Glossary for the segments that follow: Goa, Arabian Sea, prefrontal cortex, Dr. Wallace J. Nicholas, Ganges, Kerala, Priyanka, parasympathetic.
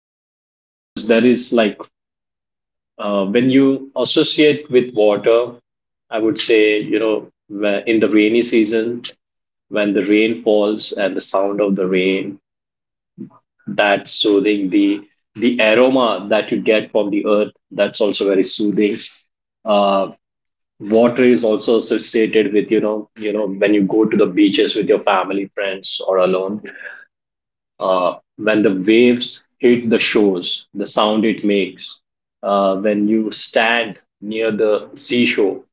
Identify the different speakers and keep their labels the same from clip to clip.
Speaker 1: Now, of course, there is like when you associate with water, I would say, in the rainy season, when the rain falls and the sound of the rain, that's soothing. The aroma that you get from the earth, that's also very soothing. Uh, Water is also associated with, when you go to the beaches with your family, friends, or alone, when the waves hit the shores, the sound it makes, when you stand near the seashore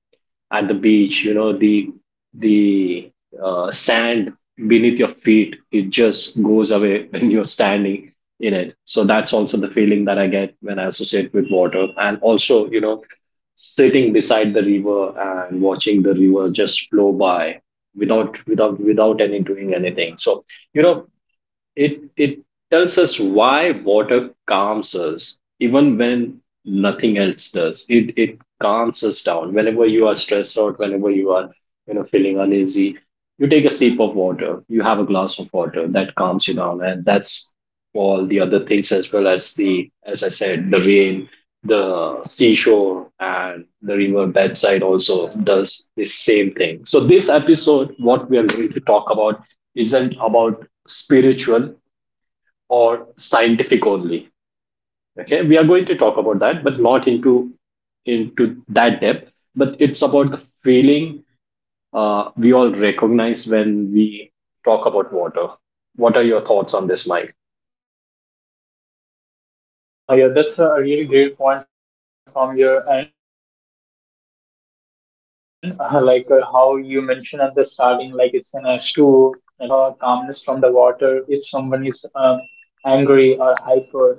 Speaker 1: at the beach, the sand beneath your feet, it just goes away when you're standing in it. So that's also the feeling that I get when I associate with water, and also sitting beside the river and watching the river just flow by without any doing anything. So you know it it tells us why water calms us even when nothing else does. It calms us down. Whenever you are stressed out, whenever you are feeling uneasy, you take a sip of water. You have a glass of water that calms you down, and that's all the other things as well as I said, the rain, the seashore, and the river bedside, also does the same thing. So this episode, what we are going to talk about isn't about spiritual or scientific only. Okay, we are going to talk about that, but not into that depth. But it's about the feeling we all recognize when we talk about water. What are your thoughts on this, Mike?
Speaker 2: Yeah, that's a really great point from your end. How you mentioned at the starting, like it's an S2, everybody knows. So yeah, we'll used to get calmness from the water if someone is angry or hyper.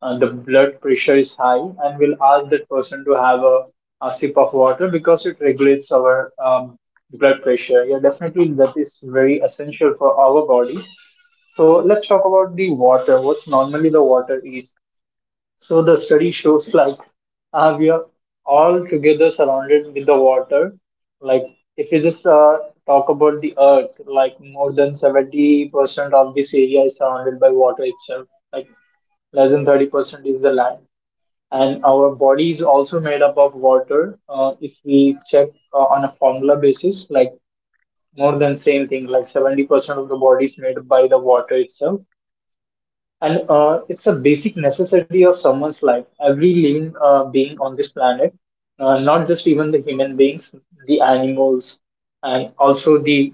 Speaker 2: The blood pressure is high, and we'll ask that person to have a sip of water because it regulates our blood pressure. Yeah, definitely that is very essential for our body. So let's talk about the water. What normally the water is. So the study shows like we are all together surrounded with the water. Like if you just talk about the earth, like more than 70% of this area is surrounded by water itself. Like less than 30% is the land. And our body is also made up of water. If we check on a formula basis, like more than same thing, like 70% of the body is made by the water itself and it's a basic necessity of someone's life. Every living being on this planet, not just even the human beings, the animals, and also the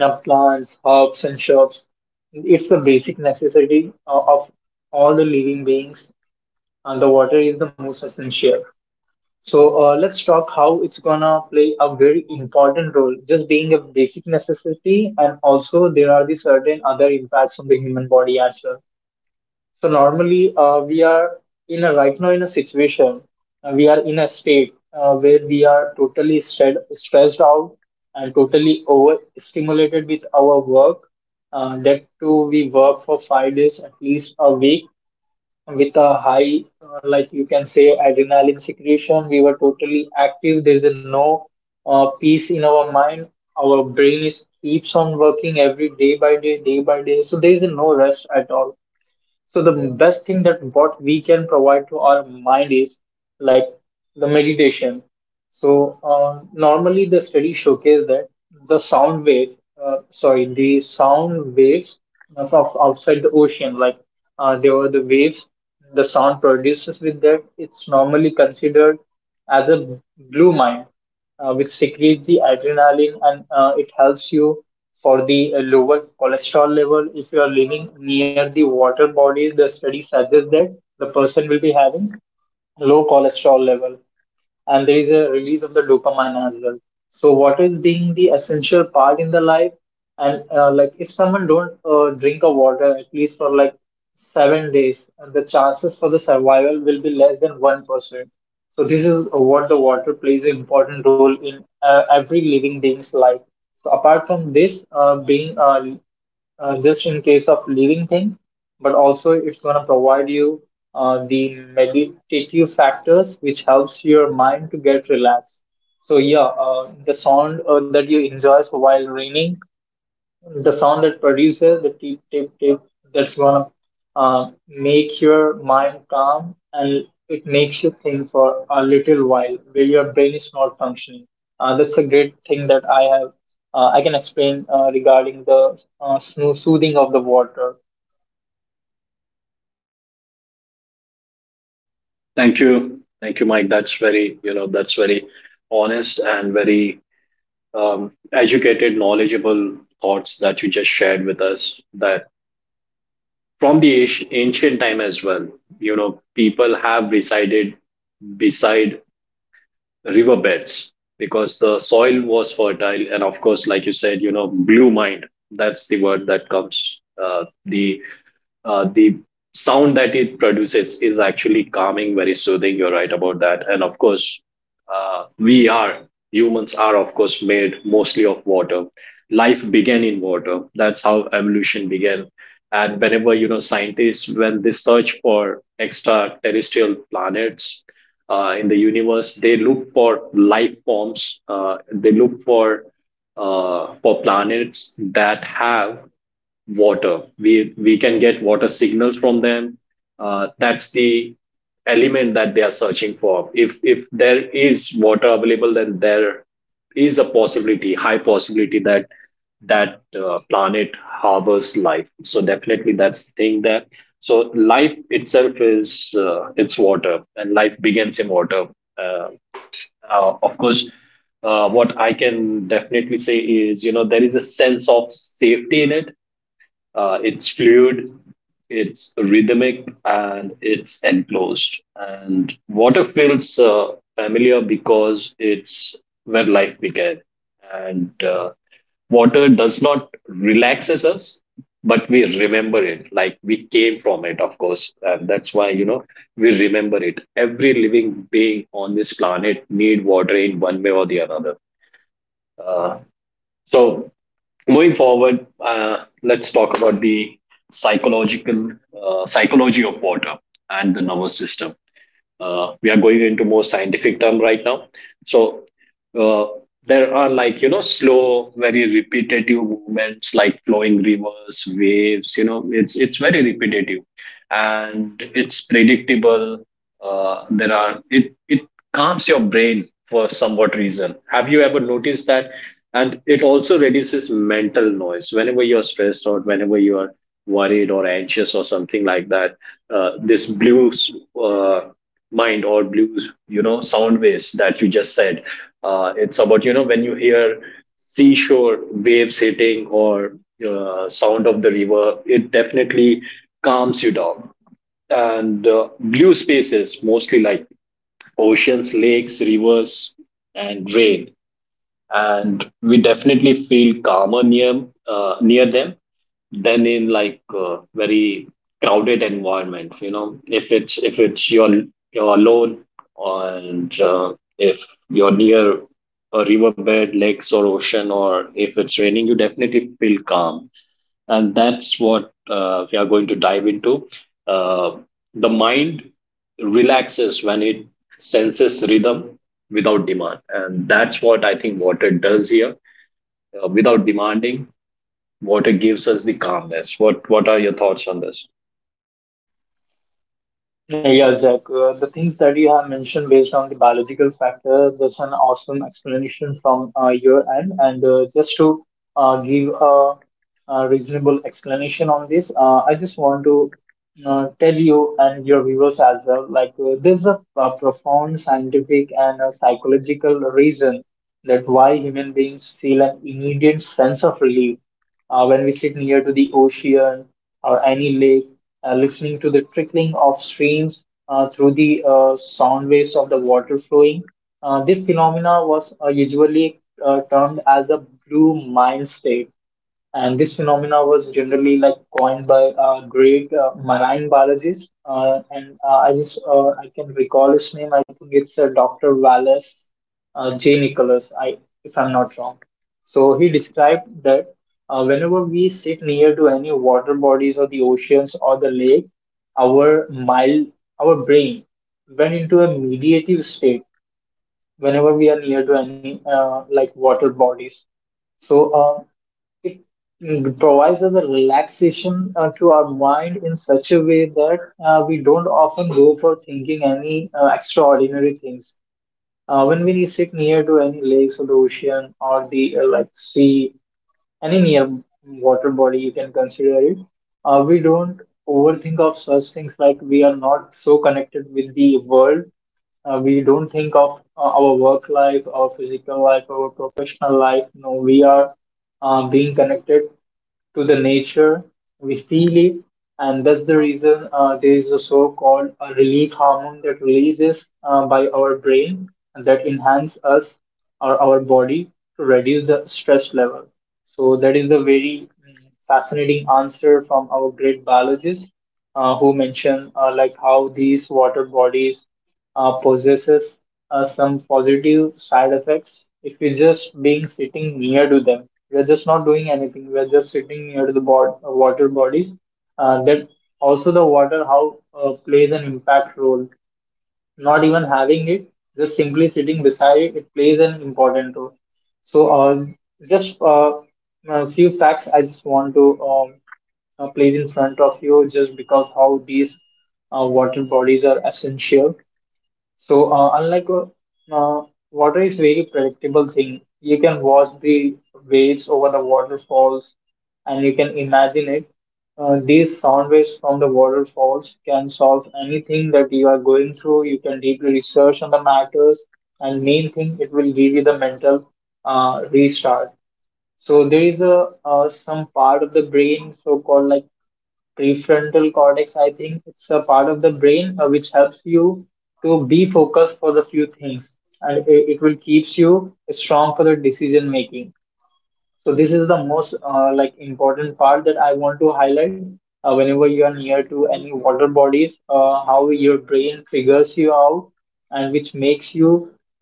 Speaker 2: plants, herbs, and shrubs. It's the basic necessity of all the living beings, and the water is the most essential. So let's talk how it's gonna play a very important role, just being a basic necessity, and also there are the certain other impacts on the human body as well. So normally, we are in a right now in a situation. We are in a state where we are totally stressed out and totally overstimulated with our work. That too, we work for 5 days at least a week with a high, like you can say, adrenaline secretion. We were totally active. There's a no peace in our mind. Our brain is keeps on working every day by day, day by day. So there is no rest at all, so the best thing that what we can provide to our mind is like the meditation. So normally the study showcased that the sound wave, the sound waves of outside the ocean, like there were the waves, the sound produces with that. It's normally considered as a blue mine, which secretes the adrenaline and it helps you for the lower cholesterol level. If you are living near the water bodies, the study suggests that the person will be having low cholesterol level, and there is a release of the dopamine as well. So what is being the essential part in the life, and like if someone don't drink a water at least for like 7 days, the chances for the survival will be less than 1%. So this is what the water plays an important role in every living being's life. So apart from this being just in case of living thing, but also it's going to provide you the meditative factors which helps your mind to get relaxed. So yeah, the sound that you enjoy while raining, the sound that produces the tip tip tip, that's gonna make your mind calm, and it makes you think for a little while where your brain is not functioning. That's a great thing that I have. I can explain regarding the soothing of the water.
Speaker 1: Thank you, Mike. That's very, you know, that's very honest and very educated, knowledgeable thoughts that you just shared with us, that from the ancient time as well, people have resided beside riverbeds because the soil was fertile. And of course, like you said, blue mind, that's the word that comes uh, the uh, the sound that it produces is actually calming, very soothing. You're right about that. And of course, we are humans are of course made mostly of water. Life began in water. That's how evolution began. And whenever scientists, when they search for extraterrestrial planets in the universe, they look for life forms. They look for planets that have water. We can get water signals from them. That's the element that they are searching for. If there is water available, then there is a possibility, high possibility that planet harbors life. So definitely that's the thing there. So life itself is it's water, and life begins in water. Uh, of course, what I can definitely say is, there is a sense of safety in it. It's fluid, it's rhythmic, and it's enclosed. And water feels familiar because it's where life began. And water does not relaxes us, but we remember it. Like we came from it, of course. And that's why, we remember it. Every living being on this planet need water in one way or the another. Uh, so, moving forward, let's talk about the psychological psychology of water and the nervous system. We are going into more scientific term right now. So uh, there are, like, slow, very repetitive movements like flowing rivers, waves. It's very repetitive, and it's predictable. There are It calms your brain for somewhat reason. Have you ever noticed that? And it also reduces mental noise whenever you're stressed out, whenever you are worried or anxious or something like that. This blue uh, mind, or blues, sound waves that you just said, it's about, when you hear seashore waves hitting or sound of the river, it definitely calms you down. And blue spaces, mostly like oceans, lakes, rivers, and rain, and we definitely feel calmer near them than in, like, very crowded environment. If it's you're alone, and if you're near a riverbed, lakes, or ocean, or if it's raining, you definitely feel calm. And that's what we are going to dive into. uh, the mind relaxes when it senses rhythm without demand, and that's what I think water does here. Without demanding, water gives us the calmness. What are your thoughts on this?
Speaker 2: Yeah, Jack, the things that you have mentioned based on the biological factor, that's an awesome explanation from your end, and just to give a reasonable explanation on this. I just want to tell you and your viewers as well. Like there's a profound scientific and a psychological reason that why human beings feel an immediate sense of relief when we sit near to the ocean or any lake, listening to the trickling of streams through the sound waves of the water flowing. This phenomena was usually termed as a blue mind state, and this phenomena was generally like coined by a great marine biologist. And I just I can recall his name. I think it's Dr. Wallace J. Nicholas. I if I'm not wrong. So he described that whenever we sit near to any water bodies or the oceans or the lake, our mild our brain went into a mediative state whenever we are near to any like water bodies. So it provides us a relaxation to our mind in such a way that we don't often go for thinking any extraordinary things. When we sit near to any lakes or the ocean or the like sea, any near water body, you can consider it. We don't overthink of such things, like we are not so connected with the world. We don't think of our work life, our physical life, our professional life. No, we are being connected to the nature. We feel it, and that's the reason there is a so-called relief hormone that releases by our brain, and that enhance us or our body to reduce the stress level. So that is the very fascinating answer from our great biologist who mentioned like how these water bodies possesses some positive side effects if you just being sitting near to them. We are just not doing anything, we are just sitting near to the water bodies. That also the water how plays an impact role, not even having it, just simply sitting beside it, it plays an important role. So just a few facts I just want to um, place in front of you, just because how these water bodies are essential. So unlike uh, Water is very predictable thing. You can watch the waves over the waterfalls, and you can imagine it. These sound waves from the waterfalls can solve anything that you are going through. You can deeply research on the matters, and main thing, it will give you the mental restart. So there is a some part of the brain, so called like prefrontal cortex, I think it's a part of the brain which helps you to be focused for the few things, and it will keeps you strong for the decision making. So this is the most like important part that I want to highlight. Whenever you are near to any water bodies, how your brain figures you out, and which makes you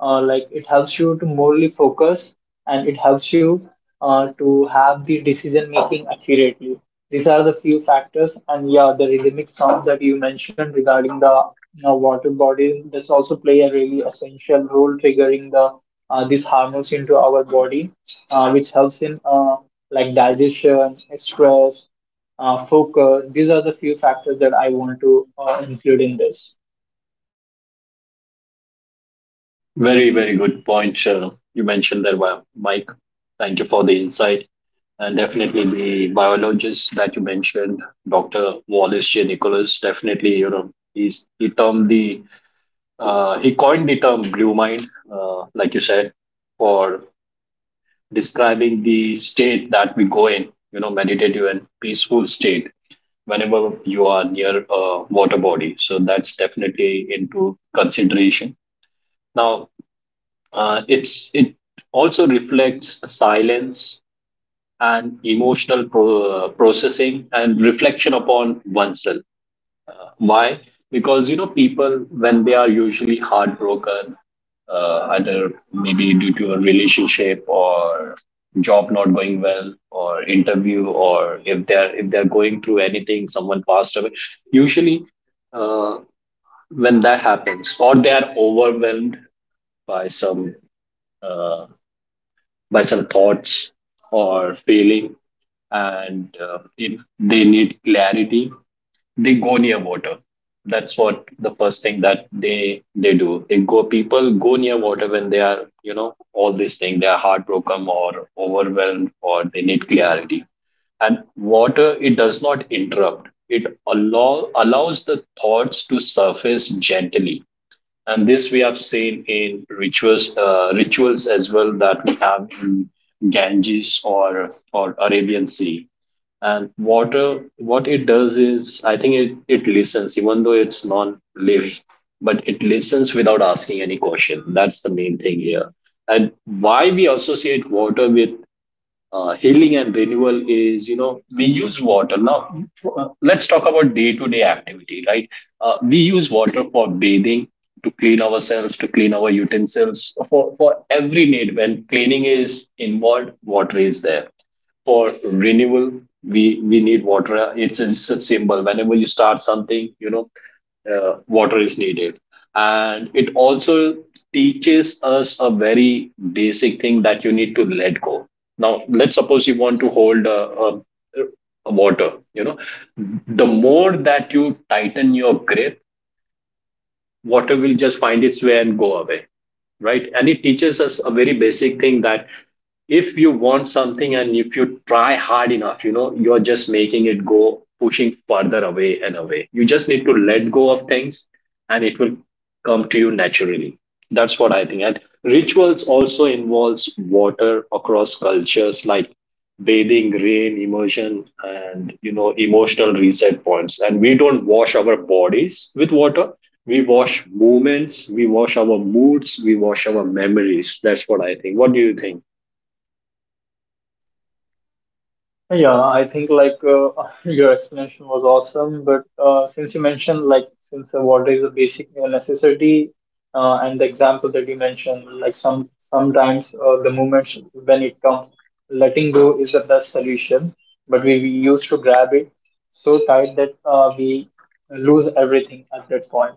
Speaker 2: like it helps you to morally focus, and it helps you to have the decision making accurately. These are the few factors, and yeah, the rhythmic sounds that you mentioned regarding the, you know, water bodies, that's also play a really essential role triggering the these hormones into our body, which helps in like digestion, stress, focus. These are the few factors that I want to include in this.
Speaker 1: Very very good point you mentioned there, Mike. Thank you for the insight. And definitely, the biologist that you mentioned, Dr. Wallace J. Nicholas, definitely, he termed the he coined the term blue mind, like you said, for describing the state that we go in, meditative and peaceful state whenever you are near a water body. So that's definitely into consideration. Now, it also reflects silence and emotional processing and reflection upon oneself. Why? Because people, when they are usually heartbroken, either maybe due to a relationship, or job not going well, or interview, or if they're going through anything, someone passed away, usually uh, when that happens, or they are overwhelmed by uh, some thoughts or feeling, and they need clarity, they go near water. That's what the first thing that they do, they go people go near water when they are, all this thing, they are heartbroken or overwhelmed or they need clarity. And water, it does not interrupt, it allows the thoughts to surface gently. And this we have seen in rituals as well, that we have in Ganges, or Arabian Sea. And water, what it does is, I think, it listens. Even though it's non-living, but it listens without asking any question. That's the main thing here. And why we associate water with healing and renewal is, we use water now. Let's talk about day to day activity, right? We use water for bathing, to clean ourselves, to clean our utensils, for every need. When cleaning is involved, water is there, for renewal. We need water. It's a symbol. Whenever you start something, water is needed. And it also teaches us a very basic thing, that you need to let go. Now, let's suppose you want to hold a water. The more that you tighten your grip, water will just find its way and go away, right? And it teaches us a very basic thing, that if you want something, and if you try hard enough, you're just making it go, pushing further away and away. You just need to let go of things, and it will come to you naturally. That's what I think. And rituals also involves water across cultures, like bathing, rain, immersion, and, emotional reset points. And we don't wash our bodies with water, we wash moments, we wash our moods, we wash our memories. That's what I think. What do you think?
Speaker 2: Yeah, I think like your explanation was awesome, but since you mentioned like since water is a basic necessity, and the example that you mentioned, like sometimes the moments when it comes, letting go is the best solution, but we used to grab it so tight that we lose everything at that point.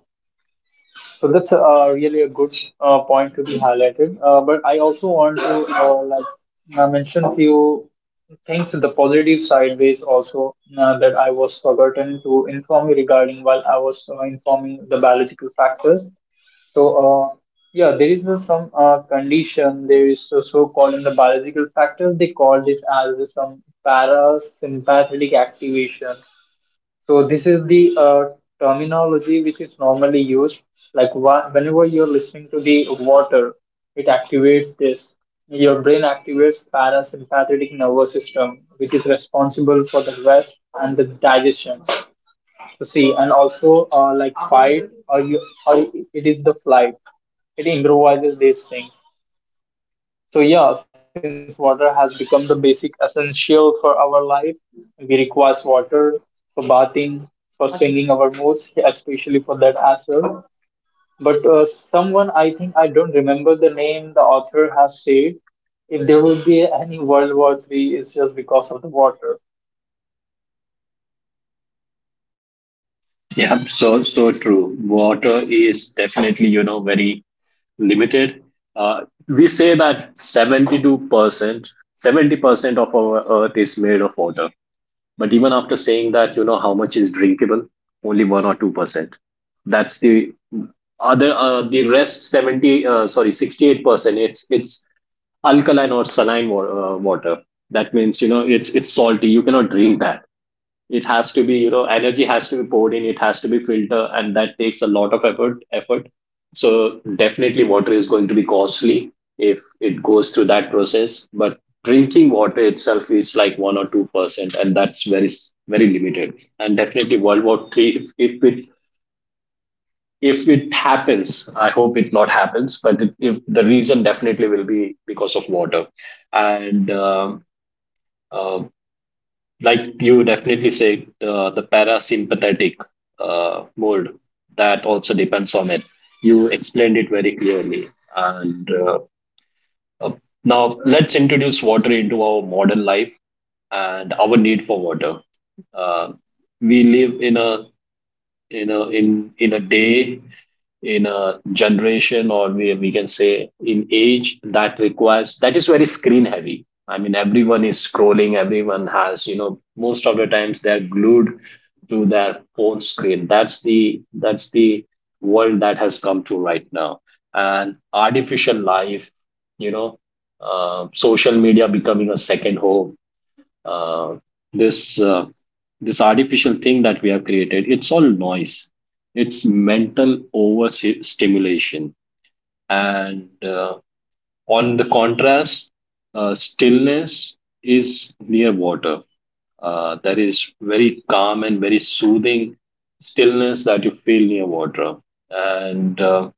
Speaker 2: So that's really a good point to be highlighted. But I also want to mention few things in the positive side ways also that I was forgotten to inform you regarding while I was informing the biological factors. So yeah, there is some condition. There is so called in the biological factors. They call this as some parasympathetic activation. So this is the terminology which is normally used. Like whenever you're listening to the water, it activates this. Your brain activates parasympathetic nervous system, which is responsible for the rest and the digestion. So see, and also like fight or you or it is the flight. It improvises these things. So yeah, since water has become the basic essential for our life, we require water for bathing, for swinging our moods, especially for that as well. But someone, I think I don't remember the name, the author has said, if there would be any World War III, it's just because of the water.
Speaker 1: Yeah, so so true. Water is definitely, very limited. Uh, we say that 72%, 70% of our earth is made of water. But even after saying that, how much is drinkable? Only 1 or 2%. That's the other, the rest 70, sorry, 68%, it's alkaline or saline water. That means, it's salty. You cannot drink that. It has to be, energy has to be poured in. It has to be filtered, and that takes a lot of effort. Effort. So definitely, water is going to be costly if it goes through that process. But drinking water itself is like 1 or 2%, and that's very limited. And definitely, World War Three, if it happens. I hope it not happens, but if the reason definitely will be because of water. And um uh, like you definitely said, the parasympathetic mode, that also depends on it. You explained it very clearly. And uh, Now let's introduce water into our modern life and our need for water. uh, we live in a day in a generation, or we can say in age that requires, that is very screen heavy. I mean, everyone is scrolling, everyone has, you know, most of the times they're glued to their phone screen. That's the world that has come to right now. And artificial life, you know, social media becoming a second home. uh, this uh, this artificial thing that we have created, it's all noise. It's mental overstimulation. And On the contrast, stillness is near water. That is very calm and very soothing, stillness that you feel near water. And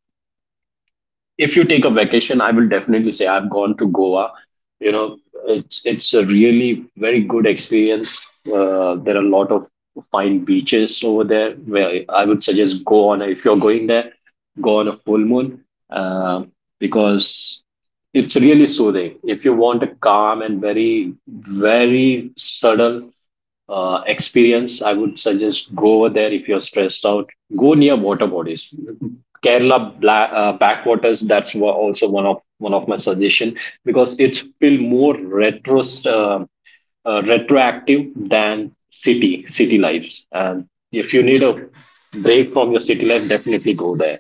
Speaker 1: If you take a vacation, I will definitely say I've gone to Goa. You know, it's a really very good experience. There are a lot of fine beaches over there where I would suggest, if you're going there, go on a full moon, uh, because it's really soothing. If you want a calm and very very subtle experience, I would suggest go over there if you're stressed out. Go near water bodies. Kerala backwaters. Also one of my suggestion, because it's feel more retro, retroactive than city lives. And if you need a break from your city life, definitely go there.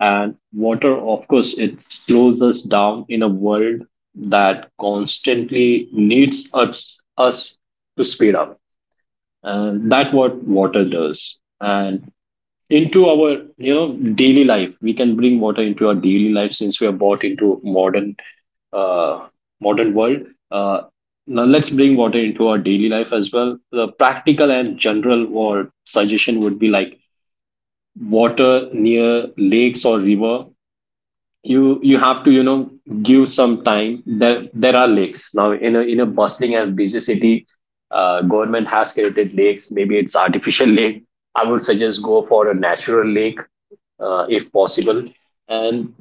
Speaker 1: And water, of course, it slows us down in a world that constantly needs us to speed up. And that what water does. And into our, you know, daily life, we can bring water into our daily life, since we are brought into modern, uh, modern world. uh, Now let's bring water into our daily life as well. The practical and general or suggestion would be like water near lakes or river. You have to, you know, give some time there. There are lakes now in a bustling and busy city. Government has created lakes, maybe it's artificial lake. I would suggest go for a natural lake, if possible, and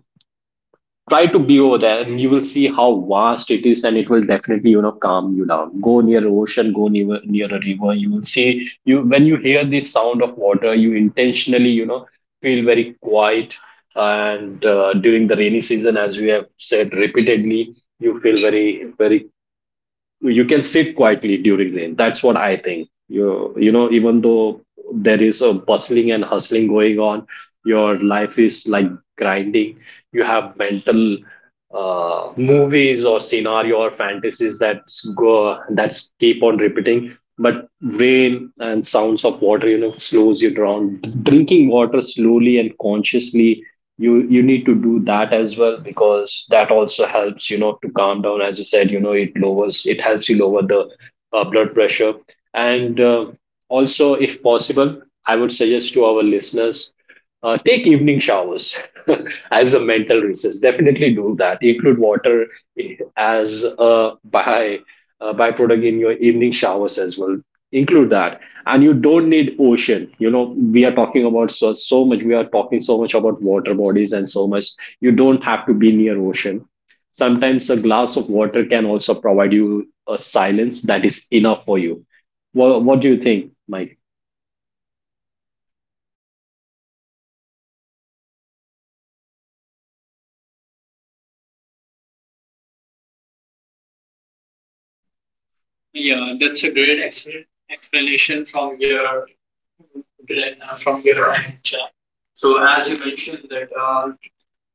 Speaker 1: try to be over there and you will see how vast it is, and it will definitely, you know, calm you down. Go near ocean, go near a river. You will see, you when you hear the sound of water, you intentionally, you know, feel very quiet. And during the rainy season, as we have said repeatedly, you feel very very, you can sit quietly during rain. That's what I think. You know, even though there is a bustling and hustling going on, your life is like grinding. You have mental movies or scenario or fantasies that's go, that's keep on repeating. But rain and sounds of water, you know, slows you down. Drinking water slowly and consciously, you need to do that as well, because that also helps, you know, to calm down, as you said. You know, it lowers, it helps you lower the blood pressure. And Also, if possible, I would suggest to our listeners, take evening showers as a mental recess. Definitely do that. Include water as a by, byproduct in your evening showers as well. Include that. And you don't need ocean. You know, we are talking about so much, we are talking so much about water bodies and so much. You don't have to be near ocean. Sometimes a glass of water can also provide you a silence that is enough for you. What do you think, Mike? Yeah, that's a explanation from your from your end, Jack. So as you mentioned that, uh,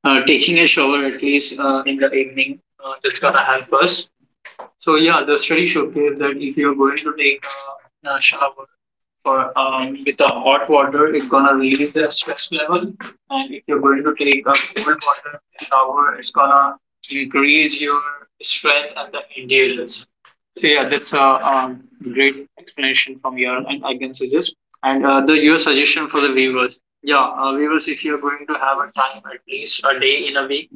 Speaker 1: uh, taking a shower at least, in the evening, that's gonna help us. So yeah, the study showcased that if you're going to take a shower for with a hot water, it's gonna release the stress level. And if you're going to take a cold water shower, it's gonna increase your strength and the endurance. So yeah, that's a great explanation from your end. I can suggest, and the your suggestion for the viewers. Yeah, viewers, if you're going to have a time at least a day in a week,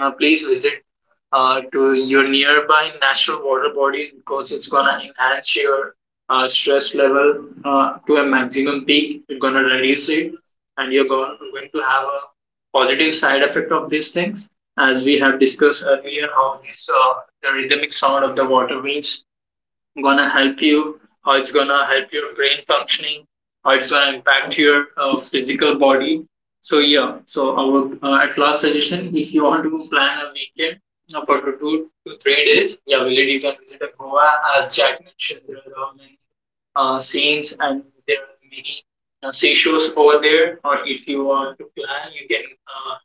Speaker 1: please visit to your nearby natural water bodies, because it's gonna enhance your stress level to a maximum peak. You're gonna reduce it, and you're going to have a positive side effect of these things, as we have discussed earlier. How this, the rhythmic sound of the water waves gonna help you, how it's gonna help your brain functioning, how it's gonna impact your physical body. So yeah, so our, at last suggestion, if you want to plan a weekend for 2 to 3 days, yeah, visit, you can visit a Goa, as Jack mentioned. There are many scenes and there are many seashores over there. Or if you want to plan, you can uh,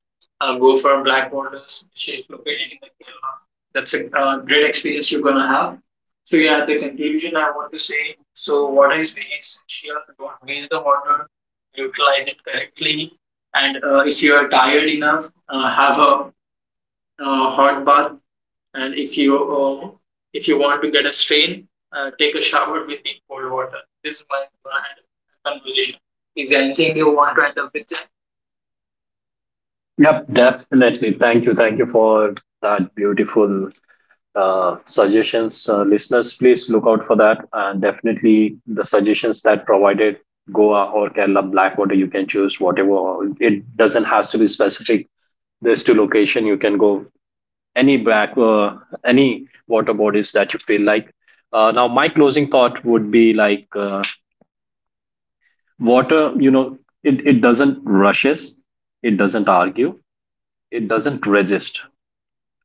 Speaker 1: uh, go for Black Waters, which is located in the Kerala. That's a great experience you're gonna have. So yeah, the conclusion I want to say. So water is very essential. Don't waste the water. Utilize it correctly. And if you are tired enough, have a hot bath. And if you want to get a strain, take a shower with the cold water. This is my conclusion. Is there anything you want to end up with, Jack? Yep, definitely. Thank you. Thank you for that beautiful suggestions. Uh, listeners, please look out for that. And definitely the suggestions that provided, Goa or Kerala Blackwater, you can choose whatever. It doesn't has to be specific. There's two location. You can go any any water bodies that you feel like. Now, my closing thought would be like, water. You know, it doesn't rushes. It doesn't argue. It doesn't resist,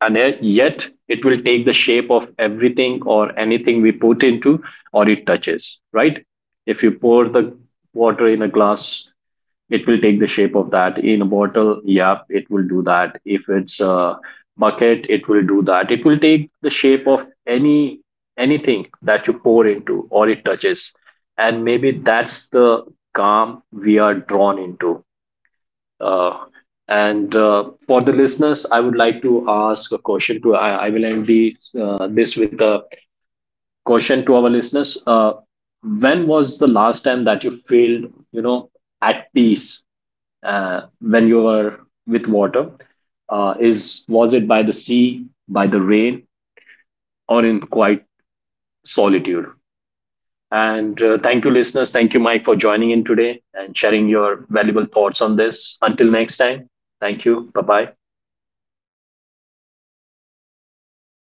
Speaker 1: and yet it will take the shape of everything or anything we put into, or it touches, right? If you pour the water in a glass, it will take the shape of that. In a bottle, yep, it will do that. If it's a bucket, it will do that. It will take the shape of any anything that you pour into or it touches. And maybe that's the calm we are drawn into. Uh, and For the listeners, I would like to ask a question to, I will end the, this with a question to our listeners. When was the last time that you felt, you know, at peace when you were with water? Is was it by the sea, by the rain, or in quiet solitude? And thank you, listeners. Thank you, Mike, for joining in today and sharing your valuable thoughts on this. Until next time, thank you. Bye bye.